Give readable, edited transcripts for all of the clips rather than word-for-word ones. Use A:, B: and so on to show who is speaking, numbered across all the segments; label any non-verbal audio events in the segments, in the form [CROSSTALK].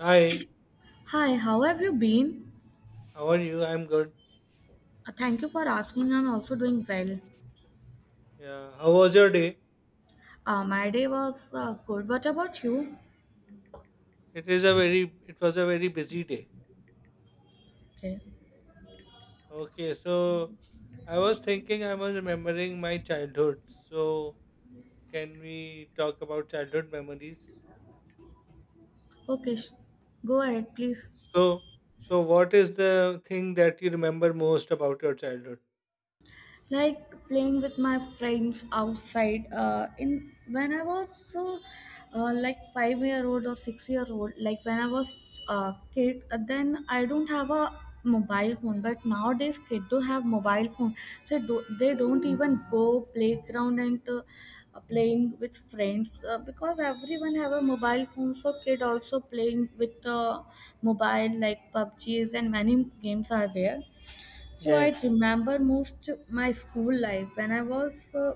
A: Hi,
B: Hi, how have you been?
A: how are you? I'm good.
B: Thank you for asking. I'm also doing well.
A: Yeah, how was your day?
B: My day was good. What about you?
A: It was a very busy day.
B: Okay.
A: Okay, so I was thinking, I was remembering my childhood. So can we talk about childhood memories?
B: Okay. Go ahead, please.
A: So, so what is the thing that you remember most about your childhood?
B: Like playing with my friends outside in when I was like 5-year-old or 6-year old, like when I was a kid. Then I don't have a mobile phone, but nowadays kids do have mobile phone, so they don't even go playground and playing with friends because everyone have a mobile phone, so kid also playing with the mobile like pubgs and many games are there. So I
A: Yes,
B: remember most my school life when I was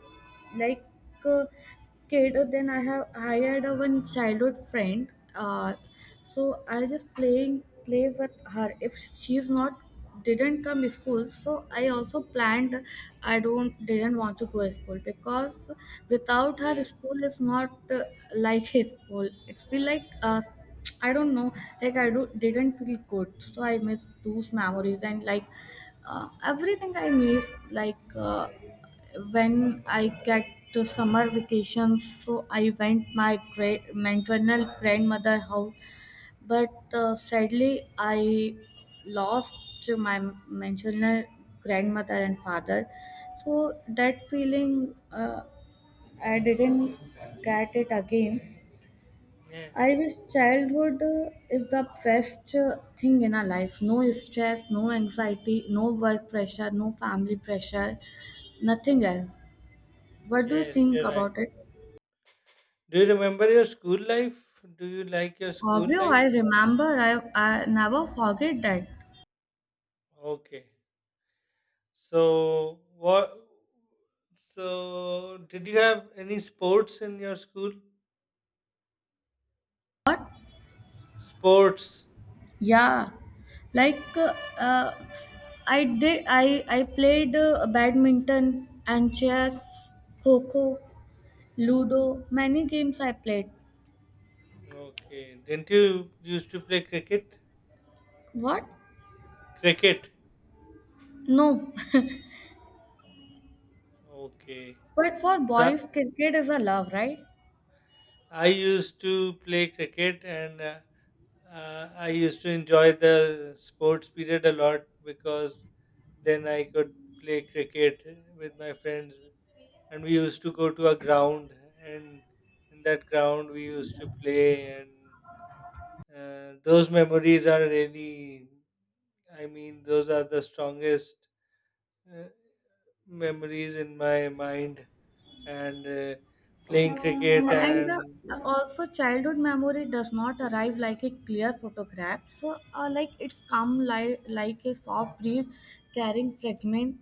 B: like a kid. Then I had a one childhood friend. Uh, so I just play with her. If she's not didn't come to school, so I also planned I don't didn't want to go to school because without her
A: yes,
B: school is not like his school. It's feel like I don't know. Like I do didn't feel good, so I miss those memories and like everything I miss, like when I get to summer vacations, so I went my great maternal grandmother house, but sadly I lost my maternal grandmother and father, so that feeling I didn't get it again. I
A: yes,
B: wish childhood is the best thing in our life. No stress, no anxiety, no work pressure, no family pressure, nothing else. What do you
A: yes.
B: think
A: You're right.
B: about it?
A: Do you remember your school life? Do you like your school
B: Obvio,
A: life?
B: I remember. I never forget that.
A: Okay. So what? So did you have any sports in your school? Sports.
B: Yeah, like uh, I did. I played badminton and chess, coco, ludo. Many games I played.
A: Okay. Didn't you used to play cricket?
B: What?
A: Cricket.
B: No. [LAUGHS]
A: Okay.
B: But for
A: So
B: boys, cricket is a love, right?
A: I used to play cricket, and I used to enjoy the sports period a lot because then I could play cricket with my friends, and we used to go to a ground, and in that ground we used to play and those memories are really, I mean, those are the strongest uh, memories in my mind. And playing cricket,
B: And
A: and
B: also, childhood memory does not arrive like a clear photograph. So, like it's come like a soft breeze, carrying fragment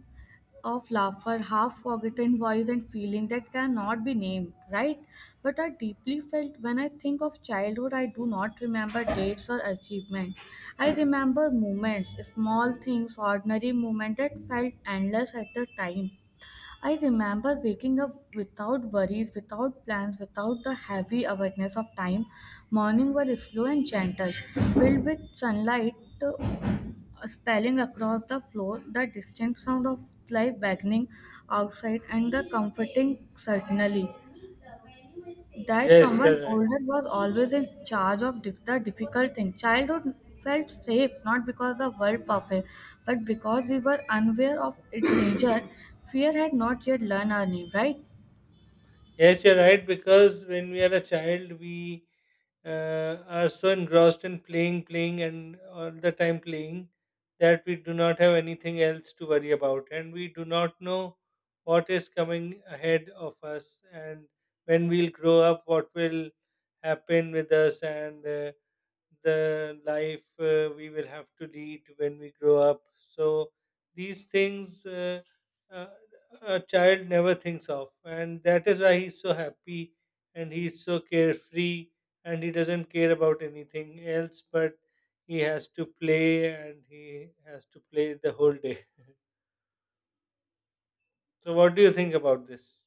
B: of laughter, half forgotten voice, and feeling that cannot be named, right? But I deeply felt when I think of childhood. I do not remember dates or achievements. I remember moments, small things, ordinary moments that felt endless at the time. I remember waking up without worries, without plans, without the heavy awareness of time. Morning were slow and gentle, filled with sunlight uh, spelling across the floor, the distant sound of life beckoning outside, and the comforting certainly that
A: yes, you're
B: someone
A: right.
B: older was always in charge of the difficult thing. Childhood felt safe not because the world perfect, but because we were unaware of its danger. Fear had not yet learned our name, right?
A: Yes, you're right, because when we are a child, we are so engrossed in playing, playing, and all the time playing that we do not have anything else to worry about, and we do not know what is coming ahead of us, and when we'll grow up, what will happen with us, and the life we will have to lead when we grow up. So these things uh, a child never thinks of, and that is why he's so happy and he's so carefree and he doesn't care about anything else. But he has to play and he has to play the whole day. So what do you think about this?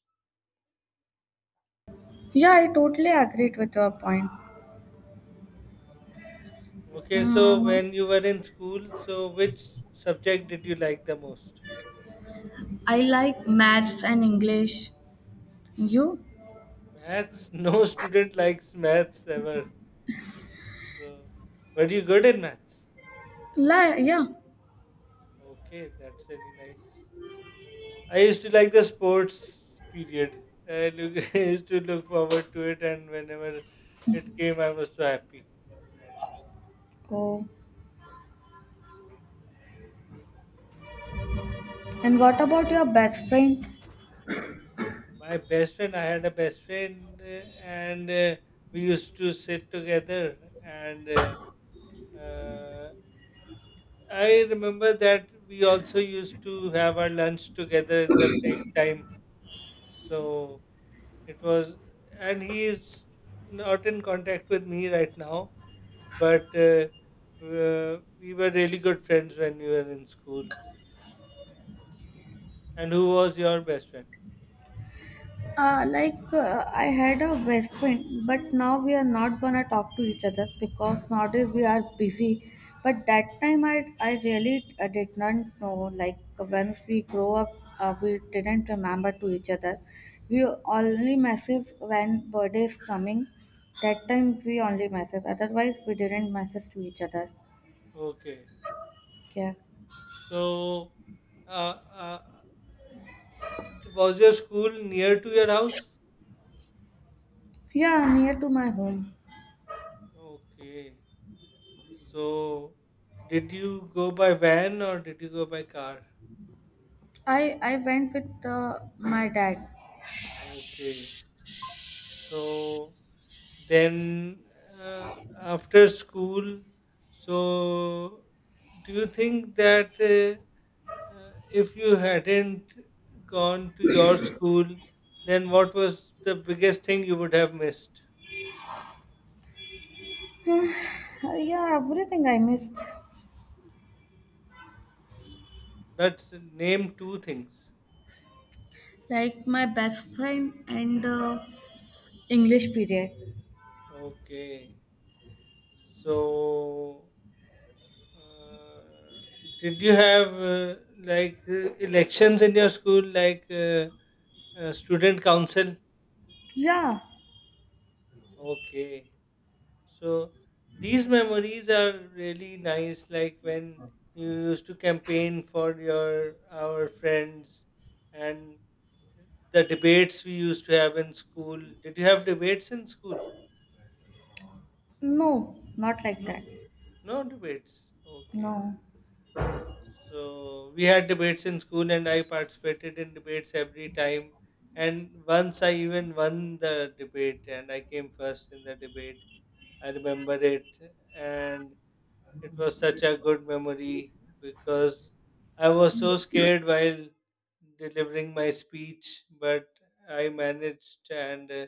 B: Yeah, I totally agreed with your point.
A: Okay, so
B: Uh,
A: when you were in school, so which subject did you like the most?
B: I like maths and English. You?
A: Maths? [LAUGHS] No student likes maths ever. So, were you good in maths?
B: Yeah.
A: Okay, that's really nice. I used to like the sports period. I, look, [LAUGHS] I used to look forward to it, and whenever it came, I was so happy.
B: Oh. And what
A: Yeah.
B: about your best friend?
A: My best friend, I had a best friend, and we used to sit together. And uh, I remember that we also used to have our lunch together in the break time. So It was, and he is not in contact with me right now, but we were really good friends when we were in school. And who was your best friend?
B: Like I had a best friend, but now we are not gonna talk to each other because nowadays we are busy. But that time I really did not know. Like once we grow up, we didn't remember to each other. We only message when birthday is coming. That time we only message. Otherwise we didn't message to each other.
A: Okay.
B: Yeah,
A: So, uh, uh, was your school near to your house?
B: yeah, near to my home.
A: Okay. So, did you go by van or did you go by car?
B: I went with my dad.
A: Okay. So, Then uh, after school, so do you think that if you hadn't gone to your school, then what was the biggest thing you would have missed?
B: Yeah, everything I missed.
A: Let's name two things.
B: Like my best friend and English period.
A: Okay. So, uh, did you have like elections in your school, like student council?
B: Yeah,
A: Okay. So these memories are really nice, like when you used to campaign for your our friends and the debates we used to have in school. Did you have debates in school?
B: no, not like
A: No,
B: that.
A: no debates. Okay.
B: No.
A: So we had debates in school, and I participated in debates every time. And once I even won the debate, and I came first in the debate. I remember it, and It was such a good memory because I was so scared while delivering my speech, but I managed and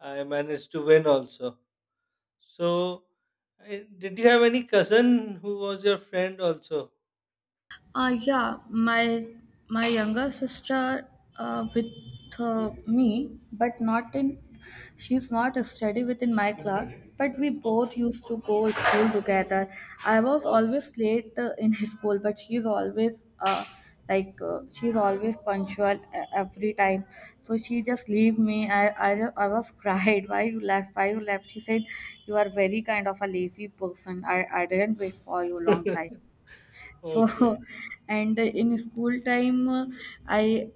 A: I managed to win also. So, did you have any cousin who was your friend also?
B: Yeah, my younger sister with me, but not in. She's not a study within my class, but we
A: Oh,
B: both used to go school together. I was
A: okay.
B: always late in [LAUGHS] school, but she's always punctual every time. So she just leave me. I was [LAUGHS] cried. Why you left? Why you left? She said, "You are very kind of a lazy person. I didn't wait for you long time."
A: [LAUGHS] okay,
B: So [LAUGHS] and in school time I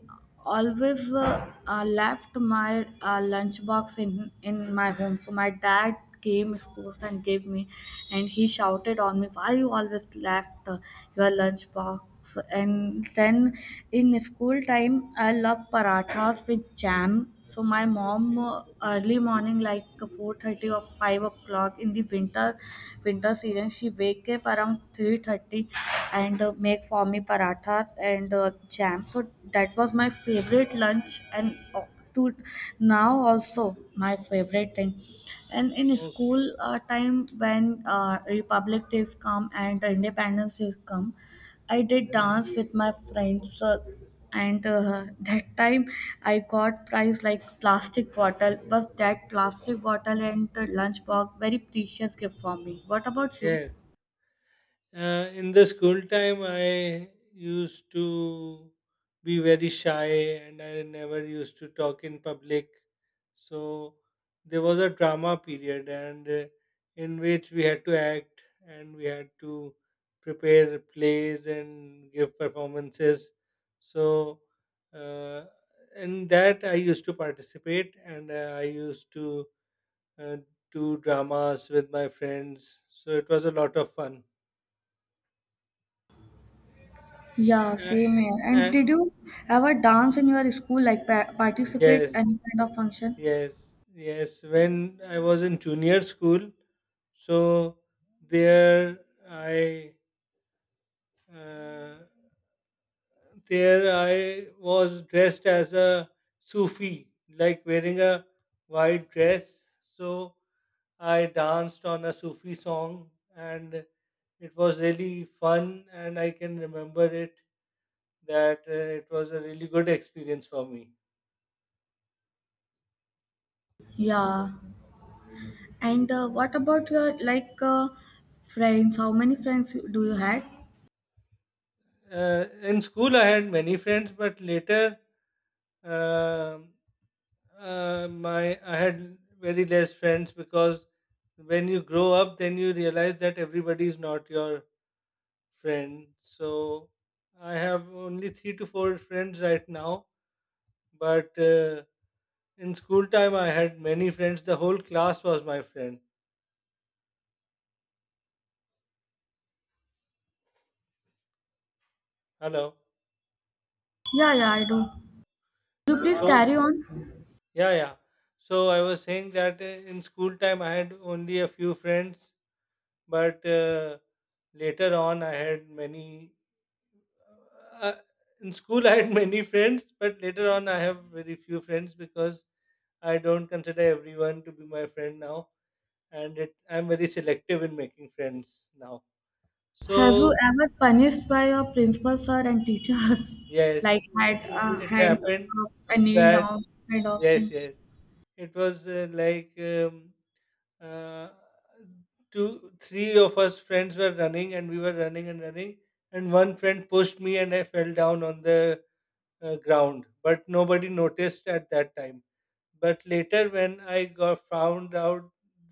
B: always left my lunch box in my home, so my dad came schools and gave me, and he shouted on me, why you always left your lunch box? And then in school time I love parathas with jam. So my mom
A: okay,
B: early morning like 4:30 or 5 o'clock in the winter season, she wake up around 3:30 and make for me parathas and jam. So that was my favorite lunch and to now also my favorite thing. And in school
A: okay.
B: time when Republic Days come and Independence Days come, I did dance with my friends. And that time I got price like plastic bottle. Was that plastic bottle and the lunch box very precious gift for me? What about you?
A: Yes. In the school time, I used to be very shy and I never used to talk in public. So there was a drama period, and in which we had to act and we had to prepare plays and give performances. So uh, in that, I used to participate and I used to uh, do dramas with my friends. So it was a lot of fun.
B: Yeah,
A: Uh,
B: same here. And
A: uh,
B: did you ever dance in your school, like participate
A: yes,
B: any kind of function?
A: yes. When I was in junior school, so there I uh, there I was dressed as a Sufi, like wearing a white dress. So I danced on a Sufi song, and it was really fun. And I can remember it that it was a really good experience for me.
B: Yeah, and what about your like friends? How many friends do you had?
A: In school, I had many friends, but later, um my I had very less friends because when you grow up, then you realize that everybody is not your friend. So I have only three to four friends right now, but in school time, I had many friends. The whole class was my friend. Hello.
B: Yeah, yeah, I do. Could you please
A: So
B: carry on?
A: yeah, yeah. So I was saying that in school time, I had only a few friends. But later on, I had many. Uh, in school, I had many friends, but later on, I have very few friends because I don't consider everyone to be my friend now, and it, I'm very selective in making friends now.
B: Have you
A: So
B: ever punished by your principal, sir, and teachers? [LAUGHS]
A: yes,
B: Like had a
A: it
B: hand
A: happened
B: up, a kneel
A: that
B: down kind of
A: yes,
B: thing.
A: yes, it was like. Uh, two three of us friends were running and we were running and running and one friend pushed me and I fell down on the ground, but nobody noticed at that time. But later, when I got found out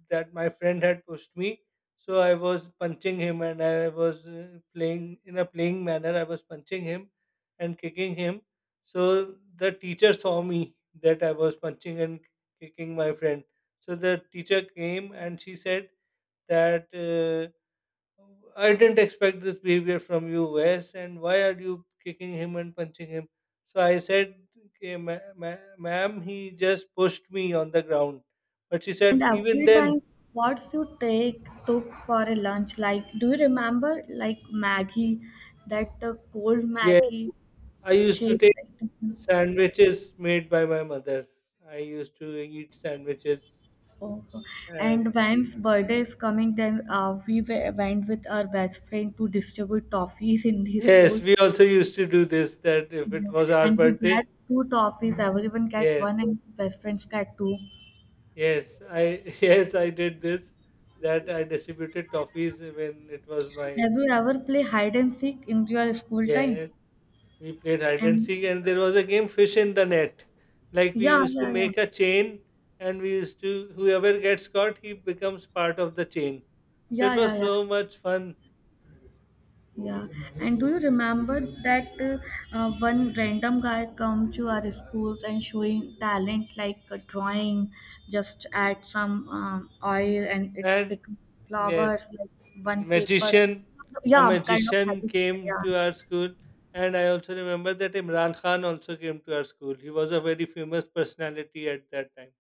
A: that my friend had pushed me, so I was punching him and I was playing in a playing manner. I was punching him and kicking him. So the teacher saw me that I was punching and kicking my friend. So the teacher came and she said that I didn't expect this behavior from you, Wes, and why are you kicking him and punching him? So I said, okay, ma'am, he just pushed me on the ground. But she
B: And
A: said, even
B: every
A: then,
B: time, what's you take took for a lunch? Like, do you remember like Maggie,
A: y-
B: that cold
A: yeah,
B: Maggie
A: I used to
B: shape?
A: take
B: Like,
A: sandwiches made by my mother. I used to eat sandwiches.
B: oh, oh.
A: And
B: And when's birthday is coming, then went with our best friend to distribute toffees in the
A: yes,
B: school.
A: we also used to do this that if it
B: Yeah,
A: was our
B: and we
A: birthday,
B: get two toffees, everyone get one
A: yes,
B: and best friends get two.
A: [LAUGHS] yes, I did this that I distributed toffees when it was my
B: Have you ever play hide and seek in your school time?
A: Yes, we played hide and
B: And
A: seek, and there was a game fish in the net. Like we
B: yeah,
A: used to
B: yeah, yeah.
A: make a chain, and we used to whoever gets caught, he becomes part of the chain. So
B: Yeah,
A: it
B: yeah,
A: was
B: yeah.
A: so much fun.
B: Yeah. And do you remember that one random guy come to our schools and showing talent like drawing, just add some oil and it's
A: And
B: become
A: yes,
B: flowers like one paper.
A: magician, a
B: Yeah, kind of
A: magician
B: habit.
A: came
B: Yeah.
A: to our school, and I also remember that Imran Khan also came to our school. He was a very famous personality at that time.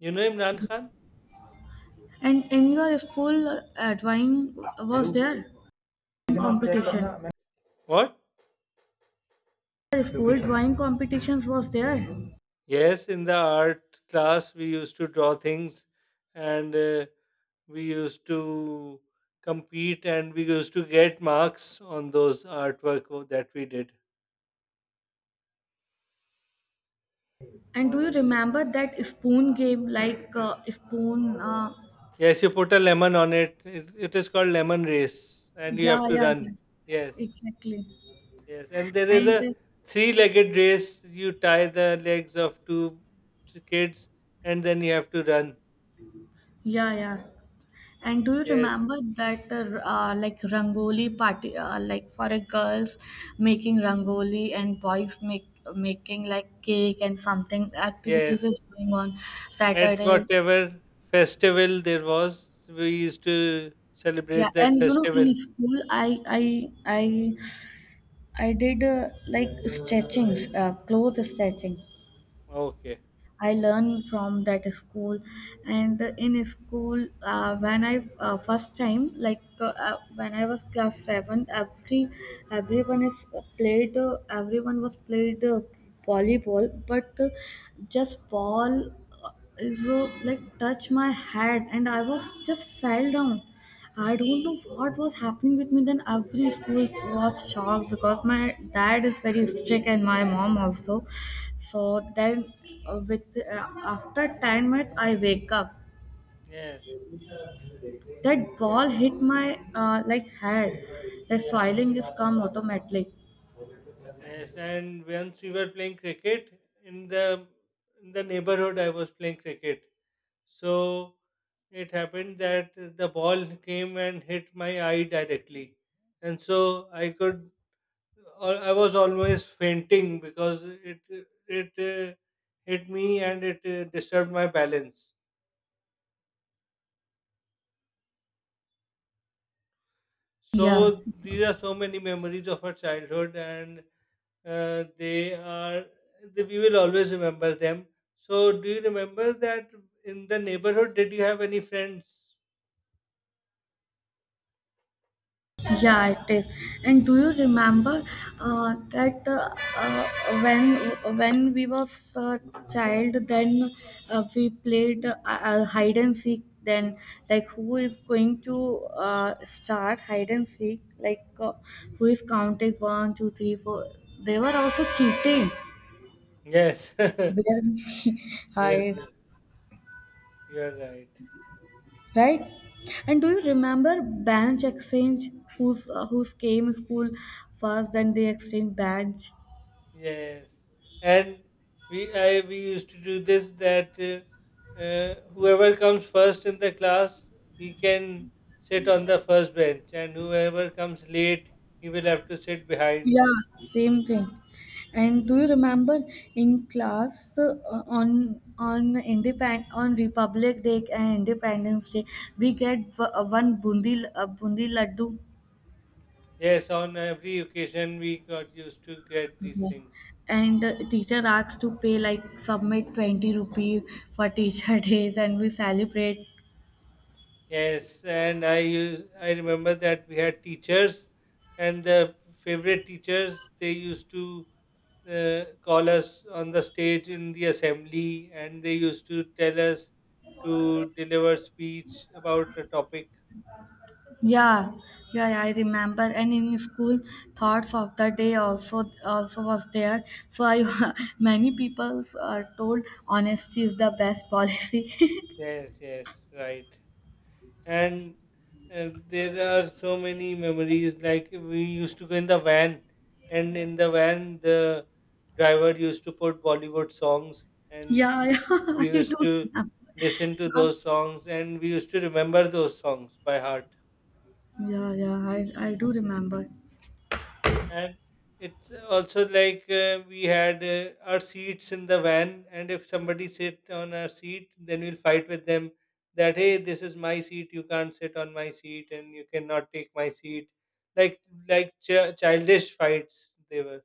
A: You know Imran Khan?
B: And in your school, drawing was there? And competition.
A: What?
B: Your school drawing competitions was there.
A: Yes, in the art class, we used to draw things and. We used to compete and we used to get marks on those that we did.
B: And do you remember that spoon game, like spoon?
A: Yes, you put a lemon on it. It is called lemon race, and you
B: Yeah,
A: have to
B: yeah,
A: run.
B: yeah,
A: Yes,
B: exactly.
A: yes, and there is
B: And
A: a three-legged race. You tie the legs of two kids, and then you have to run.
B: yeah, yeah. And do you
A: Yes,
B: remember that like rangoli party, like for a girls making rangoli and boys make making like cake and something activities is
A: yes.
B: going on
A: At
B: Saturday?
A: whatever festival there was, we used to
B: Yeah,
A: celebrate that
B: and in
A: festival.
B: school, I did like stretchings, clothes stretching.
A: Okay.
B: I
A: Okay.
B: learned from that school, and in school, when I first time like when I was class seven, everyone is played. Everyone was played volleyball, but just ball uh, is like touch my head, and I was just fell down. I don't know what was happening with me then. Every school was shocked because my dad is very strict and my mom also. So then, with after 10 minutes, I wake up.
A: Yes.
B: That ball hit my like head. The swelling is come automatically.
A: Yes, and once we were playing cricket in the neighborhood, I was playing cricket. So it happened that the ball came and hit my eye directly, and so I could I was almost fainting because it it hit me and it disturbed my balance.
B: Yeah.
A: So these are so many memories of our childhood, and uh, they are we will always remember them. So do you remember that in the neighborhood did you have any friends?
B: Yeah, it is. And do you remember that when we was a child, then we played hide and seek. Then, like, who is going to start hide and seek? Like, who is counting one, two, three, four? They were also cheating.
A: Yes. [LAUGHS]
B: Where we [LAUGHS]
A: Yes,
B: hide,
A: you're right.
B: right? And do you remember bench exchange? Who's whose came school first? Then they exchange bench.
A: Yes, and we used to do this that whoever comes first in the class, he can sit on the first bench, and whoever comes late, he will have to sit behind.
B: Yeah, same thing. And do you remember in class on Republic Day and Independence Day we get one bundi bundi laddu.
A: Yes, on every occasion we got used to get these
B: Yeah.
A: things.
B: And teacher asks to pay, like submit 20 rupees for teacher [LAUGHS] days, and we celebrate.
A: Yes, and I remember that we had teachers, and the favorite teachers they used to call us on the stage in the assembly, and they used to tell us to deliver speech about a topic.
B: Yeah, yeah, yeah, I remember. And in school, thoughts of the day also was there. So I [LAUGHS] many people are told honesty is the best policy. [LAUGHS]
A: Yes, yes, right. And there are so many memories. Like we used to go in the van, and in the van the driver used to put Bollywood songs and
B: Yeah, yeah, [LAUGHS]
A: we
B: I do
A: used to
B: remember.
A: listen to those songs and we used to remember those songs by heart.
B: Yeah, yeah, I do remember.
A: And it's also like we had our seats in the van, and if somebody sit on our seat, then we'll fight with them that hey, this is my seat, you can't sit on my seat and you cannot take my seat, like childish fights they were.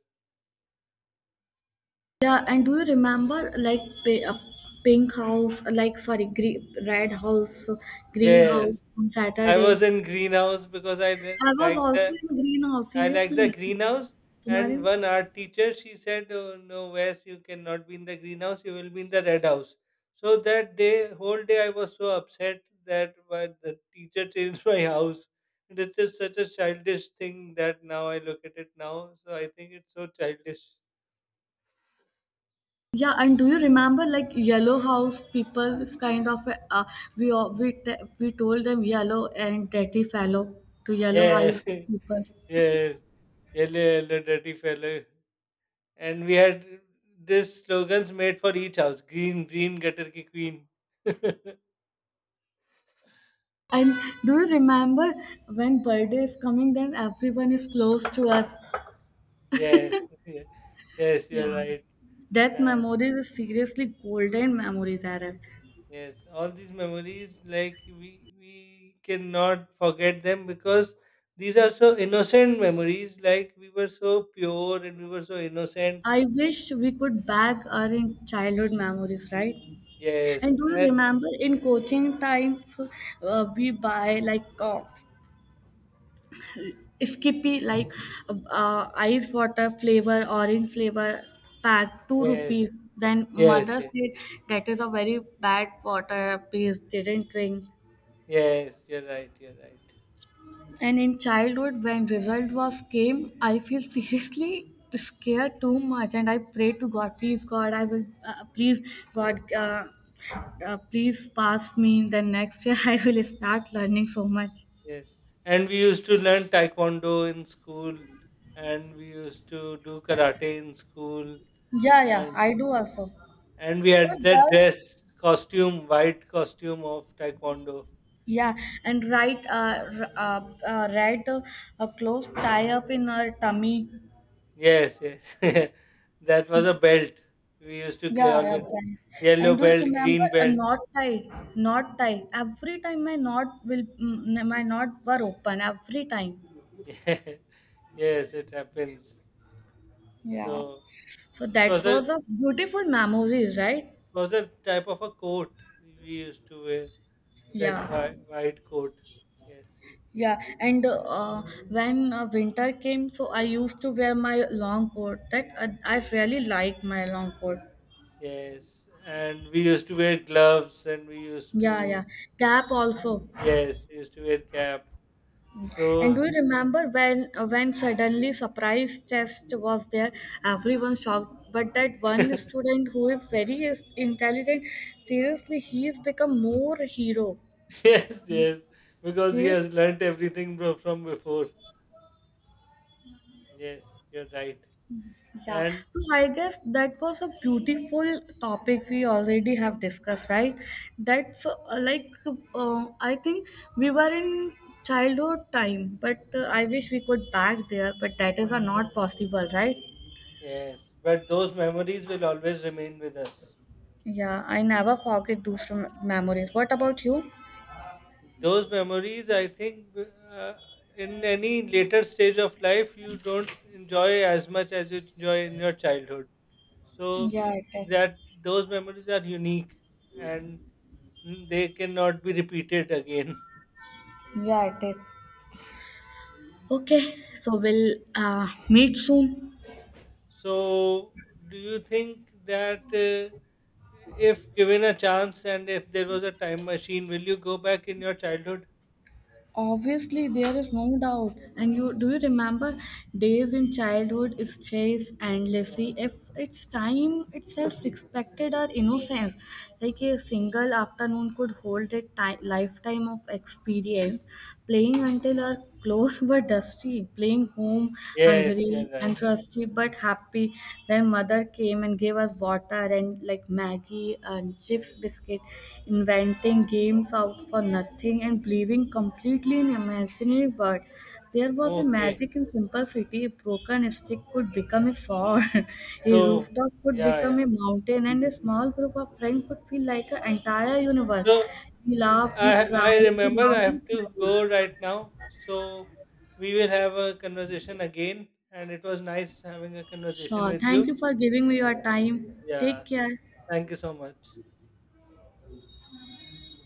B: Yeah, and do you remember like pink house, like sorry, green, red house, green
A: Yes,
B: house on
A: I
B: Saturday?
A: was in greenhouse because i
B: I was
A: liked
B: also
A: the
B: in green house.
A: I like the
B: Seriously,
A: greenhouse.
B: तुम्हारे.
A: And one art teacher, she said, oh, "No, Wes, you cannot be in the greenhouse. You will be in the red house." So that day, whole day, I was so upset that why the teacher changed [LAUGHS] my house, and it is such a childish thing that now I look at it now. So I think it's so childish.
B: Yeah, and do you remember like yellow house people is kind of a, we all- we te- we told them yellow and dirty fellow to yellow
A: Yes,
B: house people.
A: [LAUGHS] yes, yellow, yellow, dirty fellow. And we had this slogans made for each house: green, green, gutter ki queen. [LAUGHS]
B: And do you remember when birthday is coming, then everyone is close to us.
A: Yes, yeah. Yes,
B: Yeah,
A: you're right.
B: that
A: And
B: memories is seriously golden memories, Aaron.
A: yes, all these memories, like we cannot forget them because these are so innocent memories. Like we were so pure and we were so innocent.
B: I wish we could back our in childhood memories, right?
A: Yes,
B: And do you
A: and
B: remember in coaching times, we buy like skippy, like ice water flavor, orange flavor pack, 2
A: yes,
B: rupees. Then
A: yes,
B: mother
A: yes,
B: said that is a very bad water, please didn't drink.
A: yes. You're right. You're right.
B: And in childhood when result was came, I feel seriously scared too much, and I pray to God, please God, I will please God please pass me. Then next year [LAUGHS] I will start learning so much.
A: Yes, and we used to learn taekwondo in school, and we used to do karate in school,
B: Yeah, yeah,
A: and
B: I do also.
A: we
B: For
A: had that
B: girls.
A: dress costume, white costume of taekwondo.
B: Yeah, and uh, right, uh, a close tie up in her tummy.
A: Yes. [LAUGHS] That was a belt. We used to
B: Yeah,
A: call
B: yeah,
A: it
B: band.
A: yellow
B: And do you
A: belt,
B: remember
A: green
B: a
A: belt.
B: knot tie? Knot tie. Every time my knot were open every time.
A: [LAUGHS] Yes, it happens.
B: Yeah.
A: So
B: So that was
A: it
B: a beautiful memories, right?
A: was a type of a coat we used to wear. That
B: Yeah.
A: white white coat. Yes.
B: Yeah, and when winter came, so I used to wear my long coat. That I really like my long coat.
A: Yes. And we used to wear gloves and we used
B: Yeah,
A: to
B: yeah. Cap also.
A: yes, we used to wear cap.
B: And do
A: So
B: you remember when suddenly surprise test was there? Everyone shocked, but that one
A: [LAUGHS]
B: student who is very intelligent, seriously, he's become more hero.
A: yes, yes. Because he
B: Seriously.
A: has learnt everything from before. Yes, you're right.
B: Yeah,
A: And
B: so I guess that was a beautiful topic we already have discussed, right? That's like I think we were in childhood time, but I wish we could back there, but that is not possible, right?
A: Yes, but those memories will always remain with us.
B: Yeah, I never forget those memories. What about you?
A: Those memories, I think, in any later stage of life, you don't enjoy as much as you enjoy in your childhood. So
B: Yeah, it is.
A: that those memories are unique and they cannot be repeated again. [LAUGHS]
B: Yeah, it is. Okay, so we'll meet soon.
A: So, do you think that if given a chance and if there was a time machine, will you go back in your childhood?
B: Obviously, there is no doubt. And you do you remember days in childhood stretched endlessly? If its time itself respected our innocence, like a single afternoon could hold a lifetime of experience. Playing until our clothes [LAUGHS] were dusty, playing home
A: Yes, you're
B: hungry
A: right.
B: and thirsty but happy, then mother came and gave us water and like Maggie and chips
A: Yes.
B: biscuit, inventing games out for nothing and believing completely in imaginary world. There was a
A: Okay.
B: magic in simplicity. A broken stick could become a sword, [LAUGHS] a
A: So,
B: rooftop could
A: yeah,
B: become
A: yeah.
B: a mountain, and a small group of friends could feel like an entire universe.
A: So,
B: We
A: and
B: laughed, we
A: I
B: cried, we
A: remember I
B: loved
A: have
B: each
A: to
B: other.
A: go right now. So, we will have a conversation again, and it was nice having a conversation
B: Sure.
A: with you.
B: Thank you for giving me your time.
A: Yeah.
B: Take care.
A: Thank you so much.